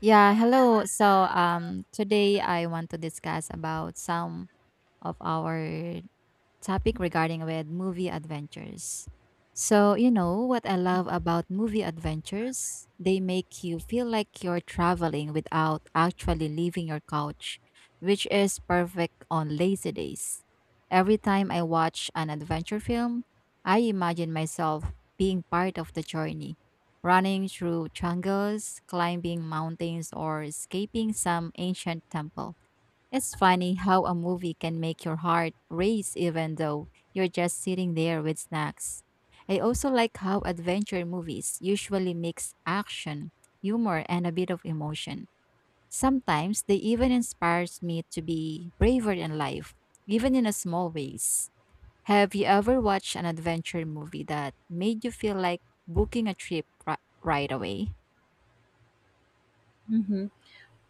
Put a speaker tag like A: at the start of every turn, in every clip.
A: Yeah, hello. So today I want to discuss about some of our topic regarding with movie adventures. So, you know what I love about movie adventures? They make you feel like you're traveling without actually leaving your couch, which is perfect on lazy days. Every time I watch an adventure film, I imagine myself being part of the journey, running through jungles, climbing mountains, or escaping some ancient temple. It's funny how a movie can make your heart race even though you're just sitting there with snacks. I also like how adventure movies usually mix action, humor, and a bit of emotion. Sometimes they even inspires me to be braver in life, even in a small ways. Have you ever watched an adventure movie that made you feel like booking a right away?
B: hmm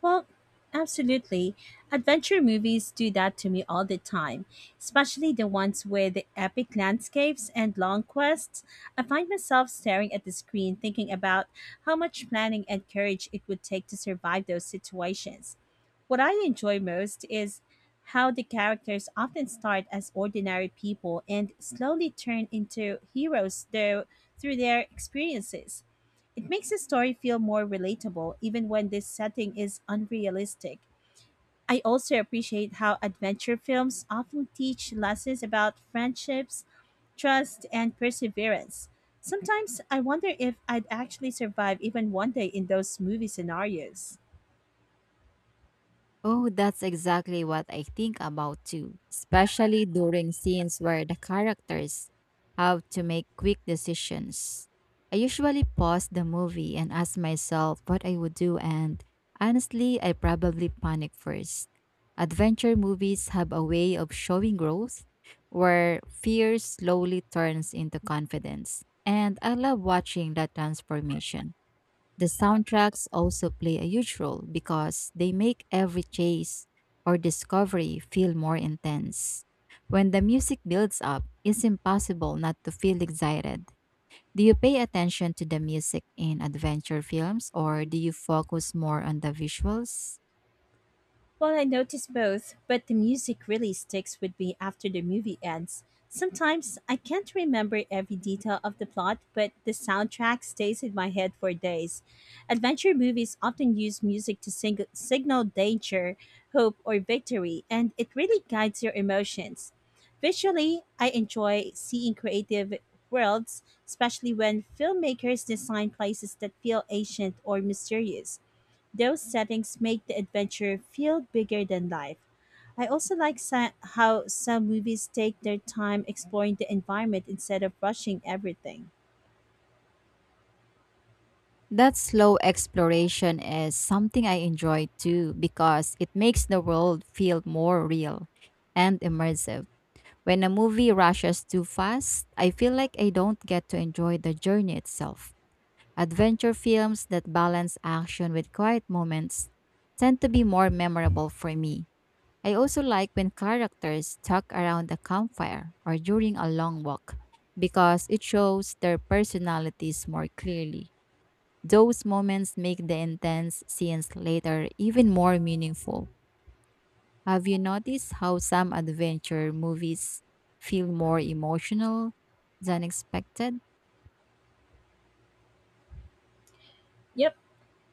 B: Well, absolutely. Adventure movies do that to me all the time, especially the ones with epic landscapes and long quests. I find myself staring at the screen thinking about how much planning and courage it would take to survive those situations. What I enjoy most is how the characters often start as ordinary people and slowly turn into heroes though through their experiences. It makes the story feel more relatable even when this setting is unrealistic. I also appreciate how adventure films often teach lessons about friendships, trust, and perseverance. Sometimes I wonder if I'd actually survive even one day in those movie scenarios.
A: Oh, that's exactly what I think about too, especially during scenes where the characters have to make quick decisions. I usually pause the movie and ask myself what I would do, and honestly, I probably panic first. Adventure movies have a way of showing growth where fear slowly turns into confidence, and I love watching that transformation. The soundtracks also play a huge role because they make every chase or discovery feel more intense. When the music builds up, it's impossible not to feel excited. Do you pay attention to the music in adventure films or do you focus more on the visuals?
B: Well, I notice both, but the music really sticks with me after the movie ends. Sometimes I can't remember every detail of the plot, but the soundtrack stays in my head for days. Adventure movies often use music to signal danger, hope, or victory, and it really guides your emotions. Visually, I enjoy seeing creative worlds, especially when filmmakers design places that feel ancient or mysterious. Those settings make the adventure feel bigger than life. I also like how some movies take their time exploring the environment instead of rushing everything.
A: That slow exploration is something I enjoy too because it makes the world feel more real and immersive. When a movie rushes too fast, I feel like I don't get to enjoy the journey itself. Adventure films that balance action with quiet moments tend to be more memorable for me. I also like when characters talk around a campfire or during a long walk because it shows their personalities more clearly. Those moments make the intense scenes later even more meaningful. Have you noticed how some adventure movies feel more emotional than expected?
B: Yep,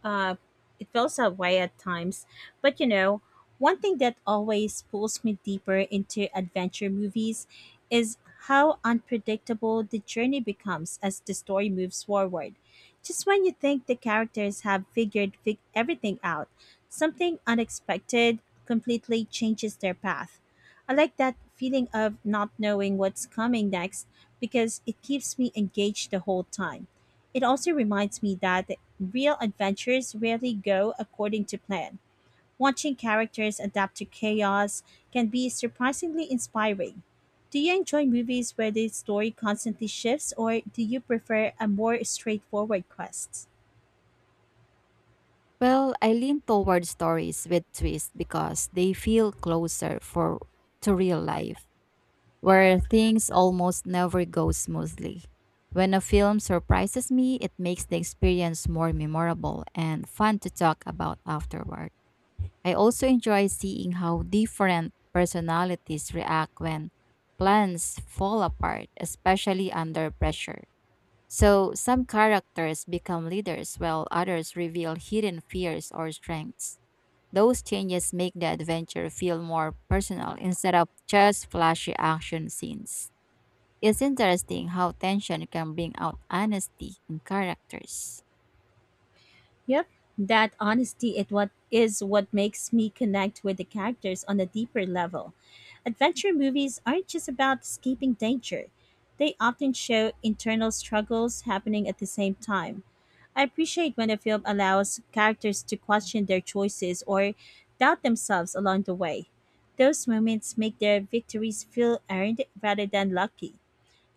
B: uh, it feels that way at times. But you know, one thing that always pulls me deeper into adventure movies is how unpredictable the journey becomes as the story moves forward. Just when you think the characters have figured everything out, something unexpected completely changes their path. I like that feeling of not knowing what's coming next because it keeps me engaged the whole time. It also reminds me that real adventures rarely go according to plan. Watching characters adapt to chaos can be surprisingly inspiring. Do you enjoy movies where the story constantly shifts, or do you prefer a more straightforward quest?
A: Well, I lean toward stories with twists because they feel closer for to real life, where things almost never go smoothly. When a film surprises me, it makes the experience more memorable and fun to talk about afterward. I also enjoy seeing how different personalities react when plans fall apart, especially under pressure. So, some characters become leaders while others reveal hidden fears or strengths. Those changes make the adventure feel more personal instead of just flashy action scenes. It's interesting how tension can bring out honesty in characters.
B: Yep. That honesty it what is what makes me connect with the characters on a deeper level. Adventure movies aren't just about escaping danger. They often show internal struggles happening at the same time. I appreciate when a film allows characters to question their choices or doubt themselves along the way. Those moments make their victories feel earned rather than lucky.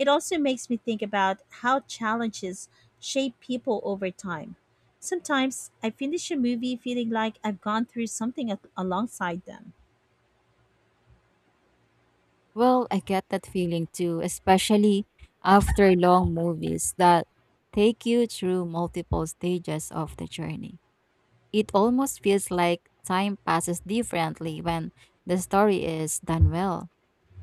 B: It also makes me think about how challenges shape people over time. Sometimes I finish a movie feeling like I've gone through something alongside them.
A: Well, I get that feeling too, especially after long movies that take you through multiple stages of the journey. It almost feels like time passes differently when the story is done well.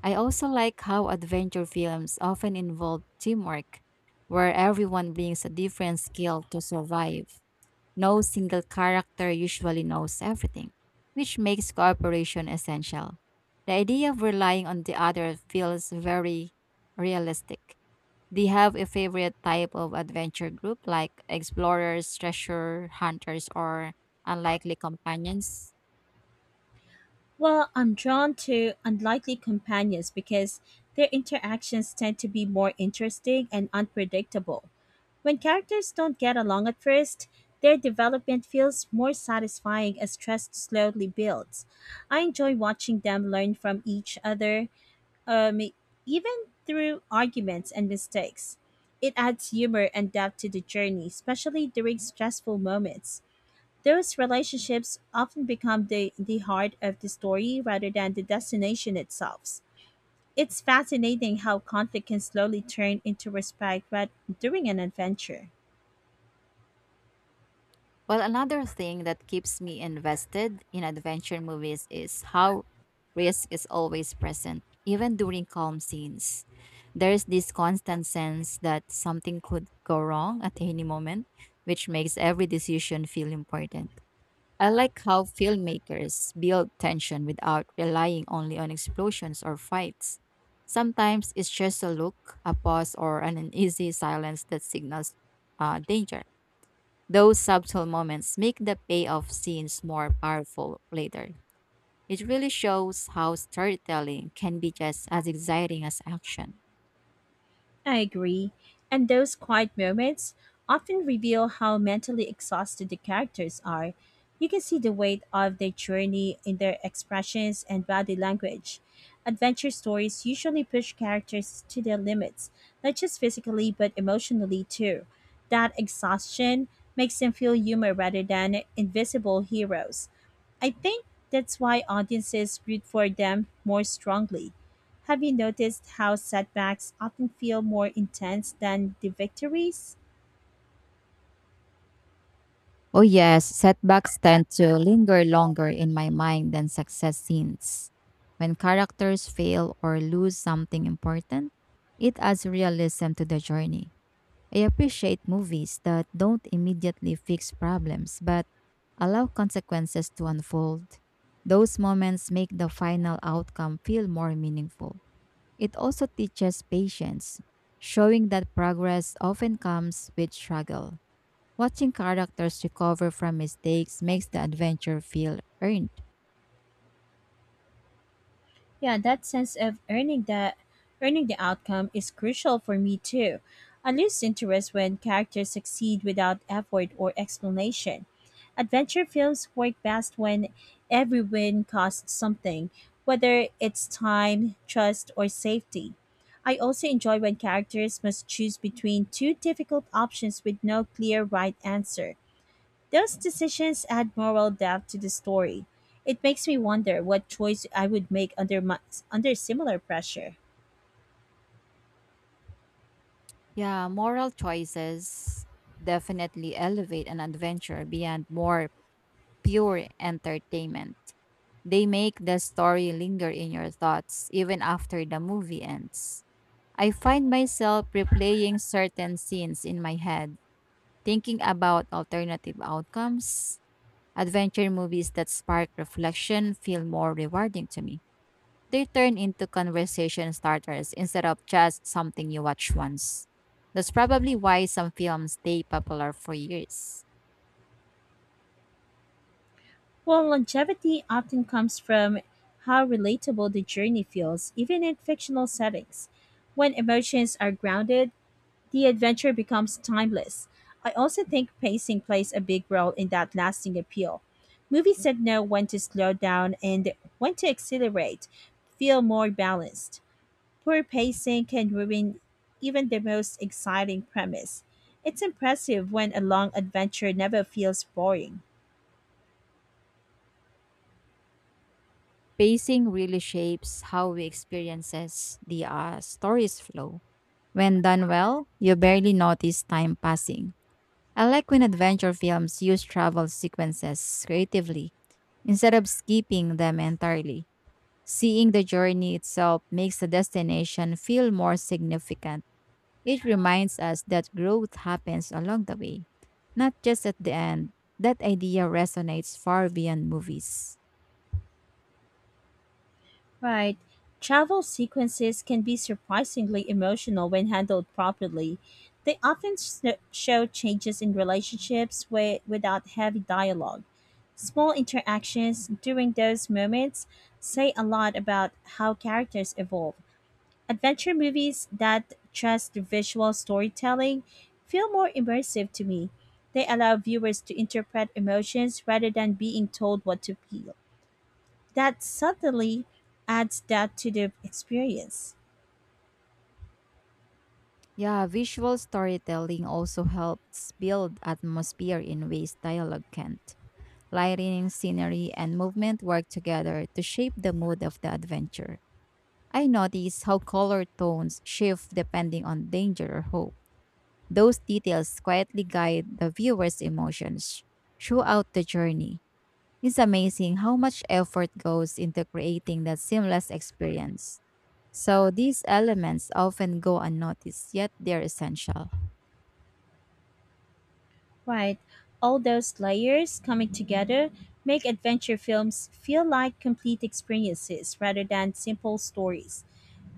A: I also like how adventure films often involve teamwork, where everyone brings a different skill to survive. No single character usually knows everything, which makes cooperation essential. The idea of relying on the other feels very realistic. Do you have a favorite type of adventure group like explorers, treasure hunters, or unlikely companions?
B: Well, I'm drawn to unlikely companions because their interactions tend to be more interesting and unpredictable. When characters don't get along at first, their development feels more satisfying as trust slowly builds. I enjoy watching them learn from each other, um, even through arguments and mistakes. It adds humor and depth to the journey, especially during stressful moments. Those relationships often become the heart of the story rather than the destination itself. It's fascinating how conflict can slowly turn into respect right during an adventure.
A: Well, another thing that keeps me invested in adventure movies is how risk is always present, even during calm scenes. There is this constant sense that something could go wrong at any moment, which makes every decision feel important. I like how filmmakers build tension without relying only on explosions or fights. Sometimes it's just a look, a pause, or an uneasy silence that signals danger. Those subtle moments make the payoff scenes more powerful later. It really shows how storytelling can be just as exciting as action.
B: I agree. And those quiet moments often reveal how mentally exhausted the characters are. You can see the weight of their journey in their expressions and body language. Adventure stories usually push characters to their limits, not just physically but emotionally too. That exhaustion makes them feel human rather than invisible heroes. I think that's why audiences root for them more strongly. Have you noticed how setbacks often feel more intense than the victories?
A: Oh, yes, setbacks tend to linger longer in my mind than success scenes. When characters fail or lose something important, it adds realism to the journey. I appreciate movies that don't immediately fix problems but allow consequences to unfold. Those moments make the final outcome feel more meaningful. It also teaches patience, showing that progress often comes with struggle. Watching characters recover from mistakes makes the adventure feel earned.
B: Yeah, that sense of earning the outcome is crucial for me too. I lose interest when characters succeed without effort or explanation. Adventure films work best when every win costs something, whether it's time, trust, or safety. I also enjoy when characters must choose between two difficult options with no clear right answer. Those decisions add moral depth to the story. It makes me wonder what choice I would make under similar pressure.
A: Yeah, moral choices definitely elevate an adventure beyond more pure entertainment. They make the story linger in your thoughts even after the movie ends. I find myself replaying certain scenes in my head, thinking about alternative outcomes. Adventure movies that spark reflection feel more rewarding to me. They turn into conversation starters instead of just something you watch once. That's probably why some films stay popular for years.
B: Well, longevity often comes from how relatable the journey feels, even in fictional settings. When emotions are grounded, the adventure becomes timeless. I also think pacing plays a big role in that lasting appeal. Movies that know when to slow down and when to accelerate feel more balanced. Poor pacing can ruin even the most exciting premise. It's impressive when a long adventure never feels boring.
A: Pacing really shapes how we experiences the story's flow. When done well, you barely notice time passing. I like when adventure films use travel sequences creatively instead of skipping them entirely. Seeing the journey itself makes the destination feel more significant. It reminds us that growth happens along the way, not just at the end. That idea resonates far beyond movies.
B: Right. Travel sequences can be surprisingly emotional when handled properly. They often show changes in relationships without heavy dialogue. Small interactions during those moments say a lot about how characters evolve. Adventure movies that trust visual storytelling feel more immersive to me. They allow viewers to interpret emotions rather than being told what to feel. That subtly adds depth to the experience.
A: Yeah, visual storytelling also helps build atmosphere in ways dialogue can't. Lighting, scenery, and movement work together to shape the mood of the adventure. I notice how color tones shift depending on danger or hope. Those details quietly guide the viewer's emotions throughout the journey. It's amazing how much effort goes into creating that seamless experience. So, these elements often go unnoticed, yet they're essential.
B: Right. All those layers coming together make adventure films feel like complete experiences rather than simple stories.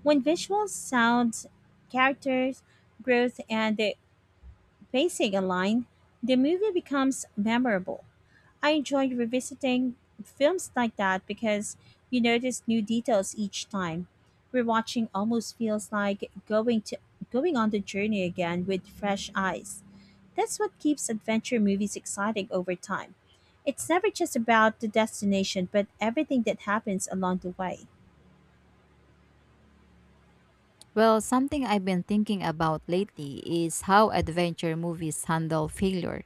B: When visuals, sounds, characters, growth, and the pacing aligned, the movie becomes memorable. I enjoy revisiting films like that because you notice new details each time. Rewatching almost feels like going on the journey again with fresh eyes. That's what keeps adventure movies exciting over time. It's never just about the destination, but everything that happens along the way.
A: Well, something I've been thinking about lately is how adventure movies handle failure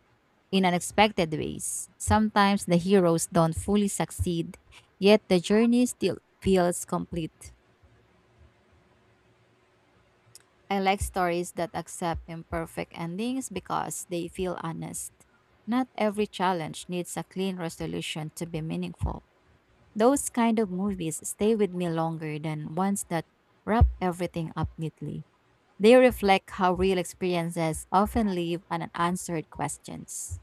A: in unexpected ways. Sometimes the heroes don't fully succeed, yet the journey still feels complete. I like stories that accept imperfect endings because they feel honest. Not every challenge needs a clean resolution to be meaningful. Those kind of movies stay with me longer than ones that wrap everything up neatly. They reflect how real experiences often leave unanswered questions.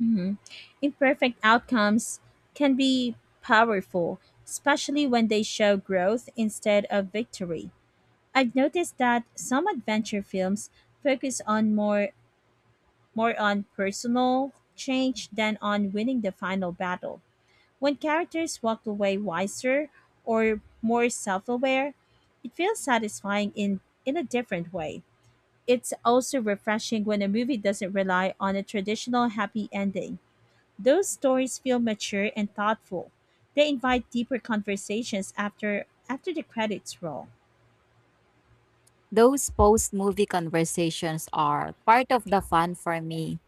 B: Mhm. Imperfect outcomes can be powerful, especially when they show growth instead of victory. I've noticed that some adventure films focus on more more on personal change than on winning the final battle. When characters walk away wiser or more self-aware, it feels satisfying in a different way. It's also refreshing when a movie doesn't rely on a traditional happy ending. Those stories feel mature and thoughtful. They invite deeper conversations after the credits roll.
A: Those post movie conversations are part of the fun for me.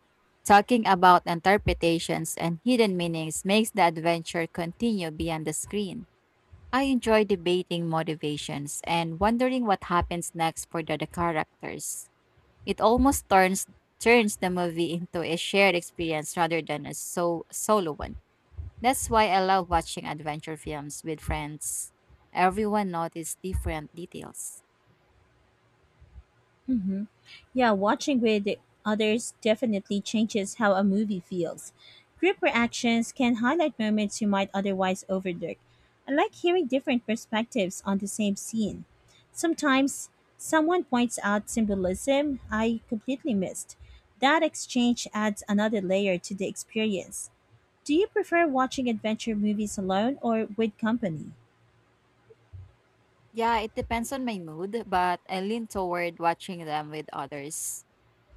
A: Talking about interpretations and hidden meanings makes the adventure continue beyond the screen. I enjoy debating motivations and wondering what happens next for the characters. It almost turns the movie into a shared experience rather than a solo one. That's why I love watching adventure films with friends. Everyone notices different details.
B: hmm Yeah, watching with others definitely changes how a movie feels. Group reactions can highlight moments you might otherwise overlook. I like hearing different perspectives on the same scene. Sometimes someone points out symbolism I completely missed. That exchange adds another layer to the experience. Do you prefer watching adventure movies alone or with company?
A: Yeah, it depends on my mood, but I lean toward watching them with others.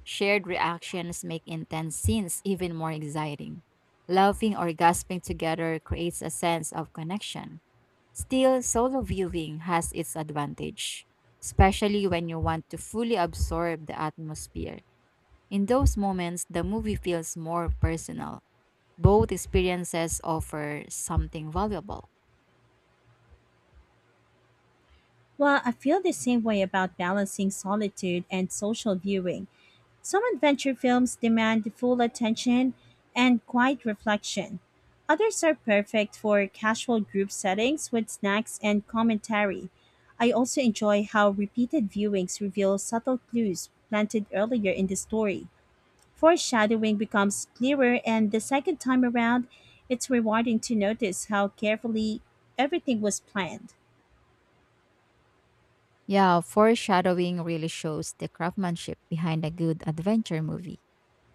A: Shared reactions make intense scenes even more exciting. Laughing or gasping together creates a sense of connection. Still, solo viewing has its advantage, especially when you want to fully absorb the atmosphere. In those moments, the movie feels more personal. Both experiences offer something valuable.
B: Well, I feel the same way about balancing solitude and social viewing. Some adventure films demand full attention and quiet reflection. Others are perfect for casual group settings with snacks and commentary. I also enjoy how repeated viewings reveal subtle clues planted earlier in the story. Foreshadowing becomes clearer, and the second time around, it's rewarding to notice how carefully everything was planned.
A: Yeah, foreshadowing really shows the craftsmanship behind a good adventure movie.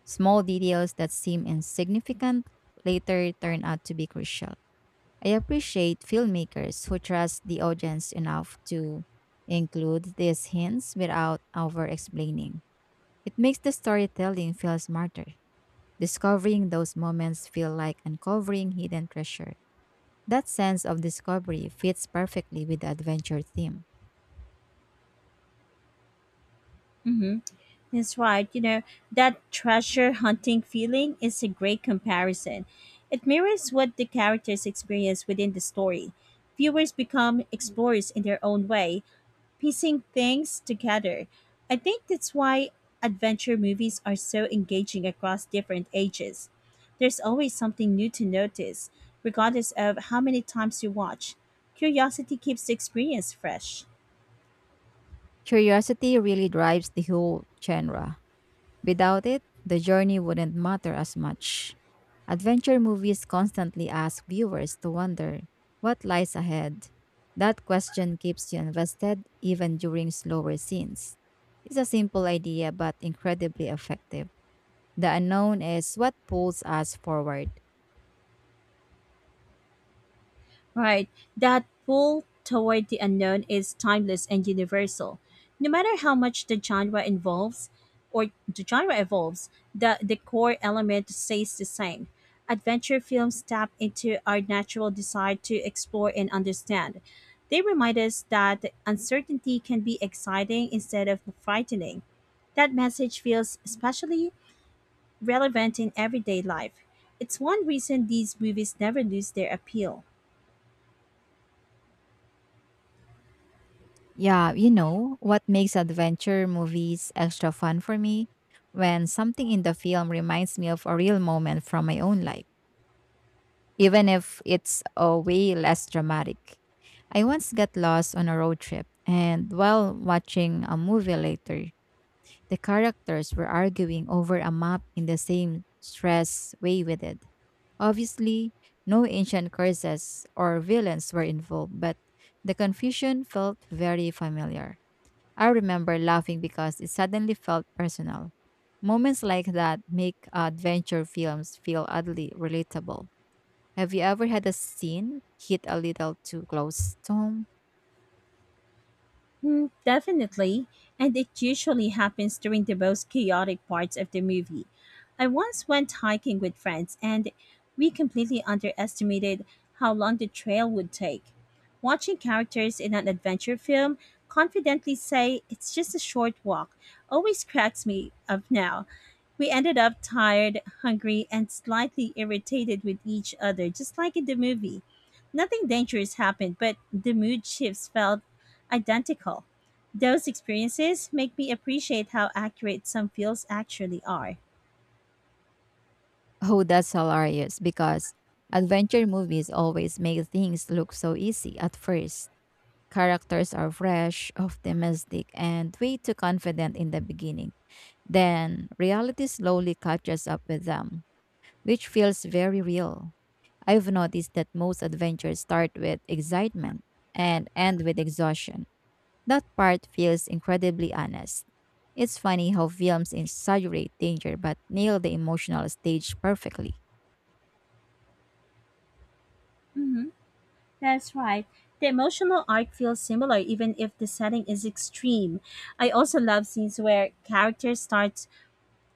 A: Small details that seem insignificant later turn out to be crucial. I appreciate filmmakers who trust the audience enough to include these hints without over explaining. It makes the storytelling feel smarter. Discovering those moments feel like uncovering hidden treasure. That sense of discovery fits perfectly with the adventure theme.
B: hmm That's right. You know, that treasure hunting feeling is a great comparison. It mirrors what the characters experience within the story. Viewers become explorers in their own way, piecing things together. I think that's why adventure movies are so engaging across different ages. There's always something new to notice, regardless of how many times you watch. Curiosity keeps the experience fresh.
A: Curiosity really drives the whole genre. Without it, the journey wouldn't matter as much. Adventure movies constantly ask viewers to wonder what lies ahead. That question keeps you invested even during slower scenes. It's a simple idea but incredibly effective. The unknown is what pulls us forward.
B: Right. That pull toward the unknown is timeless and universal. No matter how much the genre involves or the genre evolves, the core element stays the same. Adventure films tap into our natural desire to explore and understand. They remind us that uncertainty can be exciting instead of frightening. That message feels especially relevant in everyday life. It's one reason these movies never lose their appeal.
A: Yeah, you know, what makes adventure movies extra fun for me? When something in the film reminds me of a real moment from my own life, even if it's a way less dramatic. I once got lost on a road trip, and while watching a movie later, the characters were arguing over a map in the same stress way we did. Obviously, no ancient curses or villains were involved, but the confusion felt very familiar. I remember laughing because it suddenly felt personal. Moments like that make adventure films feel oddly relatable. Have you ever had a scene hit a little too close to home?
B: Mm, definitely, and it usually happens during the most chaotic parts of the movie. I once went hiking with friends, and we completely underestimated how long the trail would take. Watching characters in an adventure film confidently say it's just a short walk always cracks me up now. We ended up tired, hungry, and slightly irritated with each other, just like in the movie. Nothing dangerous happened, but the mood shifts felt identical. Those experiences make me appreciate how accurate some feels actually are.
A: Oh, that's hilarious because adventure movies always make things look so easy at first. Characters are fresh, optimistic, and way too confident in the beginning. Then reality slowly catches up with them, which feels very real. I've noticed that most adventures start with excitement and end with exhaustion. That part feels incredibly honest. It's funny how films exaggerate danger but nail the emotional stage perfectly.
B: hmm that's right. The emotional arc feels similar even if the setting is extreme. I also love scenes where characters start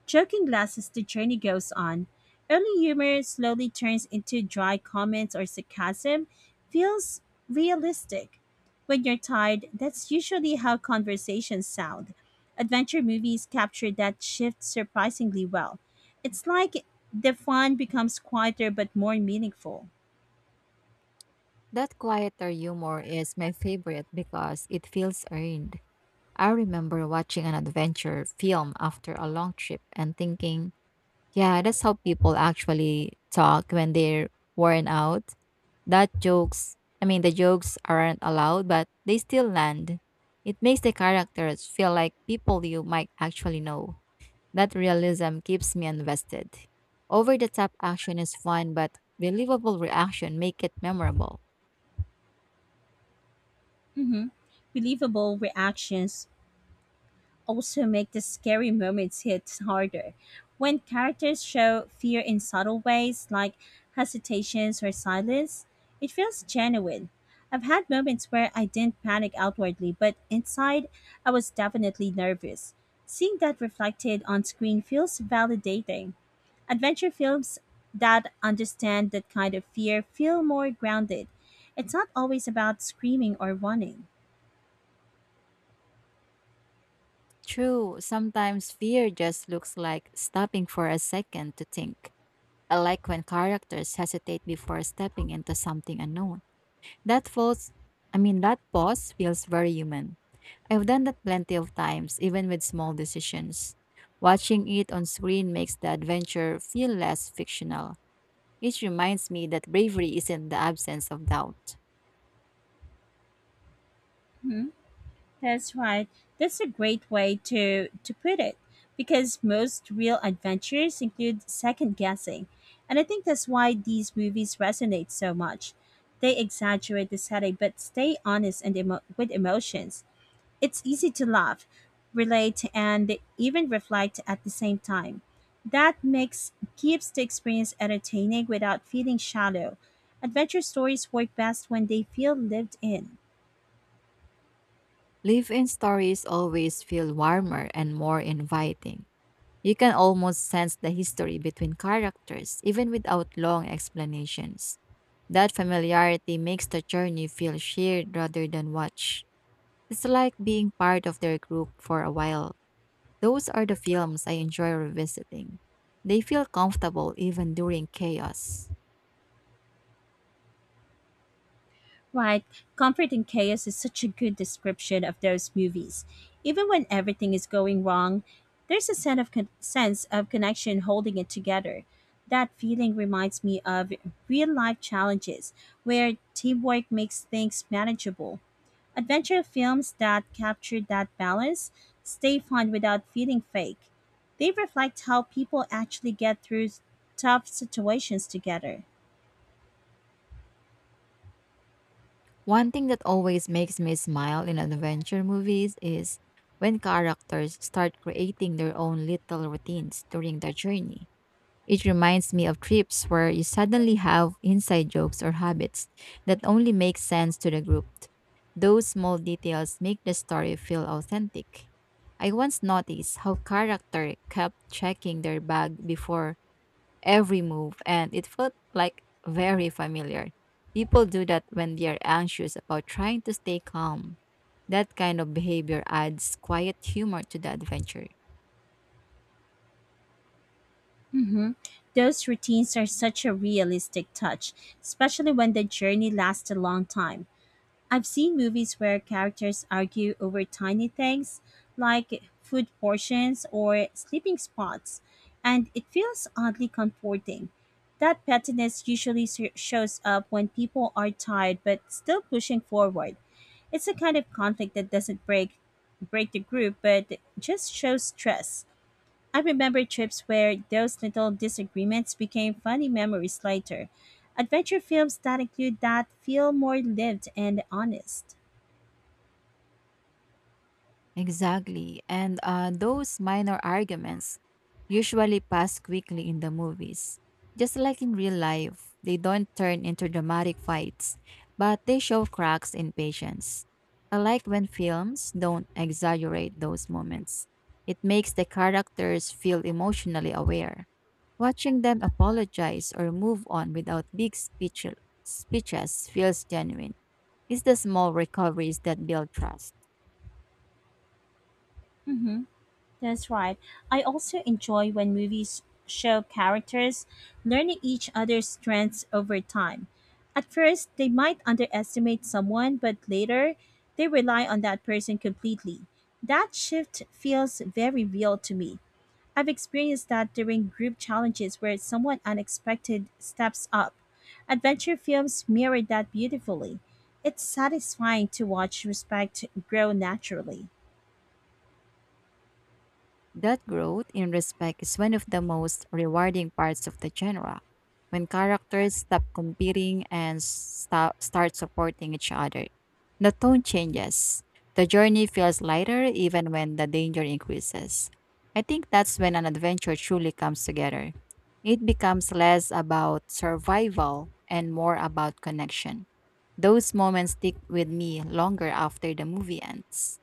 B: joking glasses. The journey goes on. Early humor slowly turns into dry comments or sarcasm, feels realistic. When you're tired, that's usually how conversations sound. Adventure movies capture that shift surprisingly well. It's like the fun becomes quieter but more meaningful.
A: That quieter humor is my favorite because it feels earned. I remember watching an adventure film after a long trip and thinking, yeah, that's how people actually talk when they're worn out. That jokes, I mean, The jokes aren't allowed, but they still land. It makes the characters feel like people you might actually know. That realism keeps me invested. Over the top action is fun, but believable reaction make it memorable.
B: hmm Believable reactions also make the scary moments hit harder. When characters show fear in subtle ways, like hesitations or silence, it feels genuine. I've had moments where I didn't panic outwardly, but inside, I was definitely nervous. Seeing that reflected on screen feels validating. Adventure films that understand that kind of fear feel more grounded. It's not always about screaming or running.
A: True, sometimes fear just looks like stopping for a second to think. I like when characters hesitate before stepping into something unknown. That falls that pause feels very human. I've done that plenty of times, even with small decisions. Watching it on screen makes the adventure feel less fictional. It reminds me that bravery isn't the absence of doubt.
B: Hmm? That's right. That's a great way to put it because most real adventures include second guessing. And I think that's why these movies resonate so much. They exaggerate the setting but stay honest and with emotions. It's easy to laugh, relate, and even reflect at the same time. That makes keeps the experience entertaining without feeling shallow. Adventure stories work best when they feel lived in.
A: Live in stories always feel warmer and more inviting. You can almost sense the history between characters, even without long explanations. That familiarity makes the journey feel shared rather than watched. It's like being part of their group for a while. Those are the films I enjoy revisiting. They feel comfortable even during chaos.
B: Right. Comfort in chaos is such a good description of those movies. Even when everything is going wrong, there's a sense of connection holding it together. That feeling reminds me of real-life challenges where teamwork makes things manageable. Adventure films that capture that balance stay fun without feeling fake. They reflect how people actually get through tough situations together.
A: One thing that always makes me smile in adventure movies is when characters start creating their own little routines during their journey. It reminds me of trips where you suddenly have inside jokes or habits that only make sense to the group. Those small details make the story feel authentic. I once noticed how character kept checking their bag before every move and it felt like very familiar. People do that when they are anxious about trying to stay calm. That kind of behavior adds quiet humor to the adventure.
B: hmm Those routines are such a realistic touch, especially when the journey lasts a long time. I've seen movies where characters argue over tiny things like food portions or sleeping spots, and it feels oddly comforting. That pettiness usually shows up when people are tired but still pushing forward. It's a kind of conflict that doesn't break the group but just shows stress. I remember trips where those little disagreements became funny memories later. Adventure films that include that feel more lived and honest.
A: Exactly. And those minor arguments usually pass quickly in the movies. Just like in real life, they don't turn into dramatic fights, but they show cracks in patience. I like when films don't exaggerate those moments. It makes the characters feel emotionally aware. Watching them apologize or move on without big speeches feels genuine. It's the small recoveries that build trust.
B: hmm that's right. I also enjoy when movies show characters learning each other's strengths over time. At first, they might underestimate someone, but later, they rely on that person completely. That shift feels very real to me. I've experienced that during group challenges where someone unexpected steps up. Adventure films mirrored that beautifully. It's satisfying to watch respect grow naturally.
A: That growth in respect is one of the most rewarding parts of the genre. When characters stop competing and start supporting each other, the tone changes. The journey feels lighter even when the danger increases. I think that's when an adventure truly comes together. It becomes less about survival and more about connection. Those moments stick with me longer after the movie ends.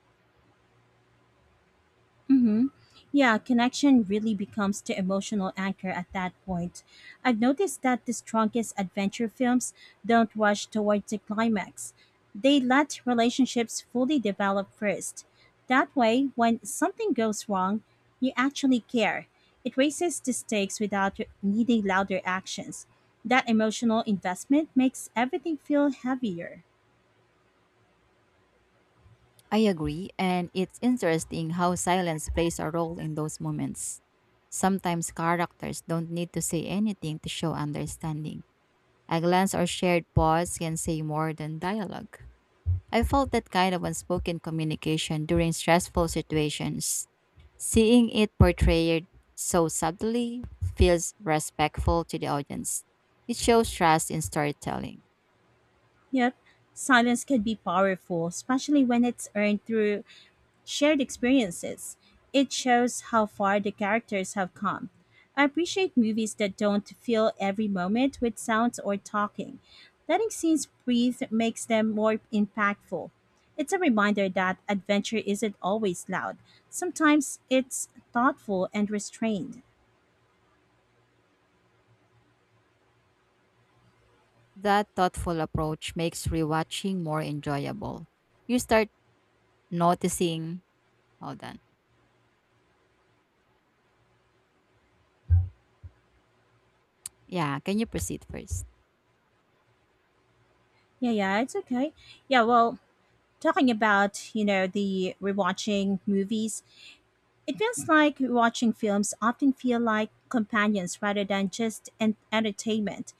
B: Mm-hmm. Yeah, connection really becomes the emotional anchor at that point. I've noticed that the strongest adventure films don't rush towards the climax. They let relationships fully develop first. That way, when something goes wrong, you actually care. It raises the stakes without needing louder actions. That emotional investment makes everything feel heavier.
A: I agree, and it's interesting how silence plays a role in those moments. Sometimes characters don't need to say anything to show understanding. A glance or shared pause can say more than dialogue. I felt that kind of unspoken communication during stressful situations. Seeing it portrayed so subtly feels respectful to the audience. It shows trust in storytelling.
B: Yep, silence can be powerful, especially when it's earned through shared experiences. It shows how far the characters have come. I appreciate movies that don't fill every moment with sounds or talking. Letting scenes breathe makes them more impactful. It's a reminder that adventure isn't always loud. Sometimes it's thoughtful and restrained.
A: That thoughtful approach makes rewatching more enjoyable. You start noticing… Hold on. Yeah, can you proceed first?
B: Yeah, yeah, it's okay. Yeah, well, talking about, you know, the rewatching movies, it feels like watching films often feel like companions rather than just an entertainment.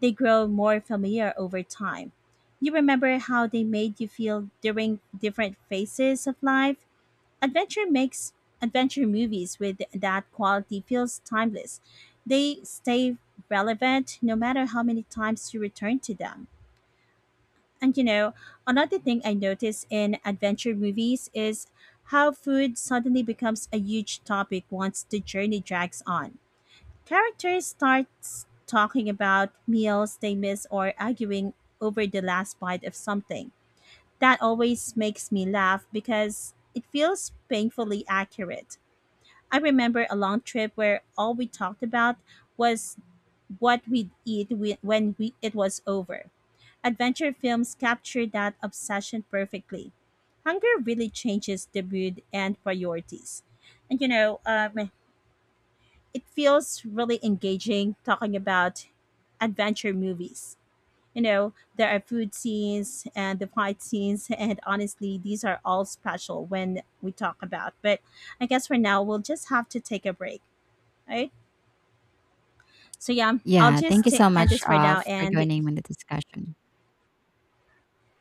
B: They grow more familiar over time. You remember how they made you feel during different phases of life? Adventure makes Adventure movies with that quality feels timeless. They stay relevant no matter how many times you return to them. And you know, another thing I notice in adventure movies is how food suddenly becomes a huge topic once the journey drags on. Characters start talking about meals they miss or arguing over the last bite of something. That always makes me laugh because it feels painfully accurate. I remember a long trip where all we talked about was what we'd eat when we, it was over. Adventure films capture that obsession perfectly. Hunger really changes the mood and priorities. And you know, it feels really engaging talking about adventure movies. You know, there are food scenes and the fight scenes, and honestly, these are all special when we talk about. But I guess for now, we'll just have to take a break, right? So yeah, I'll
A: Yeah, thank
B: just
A: you so
B: end
A: much,
B: this for now,
A: for
B: and
A: joining me in the discussion.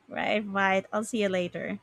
B: right, right. I'll see you later.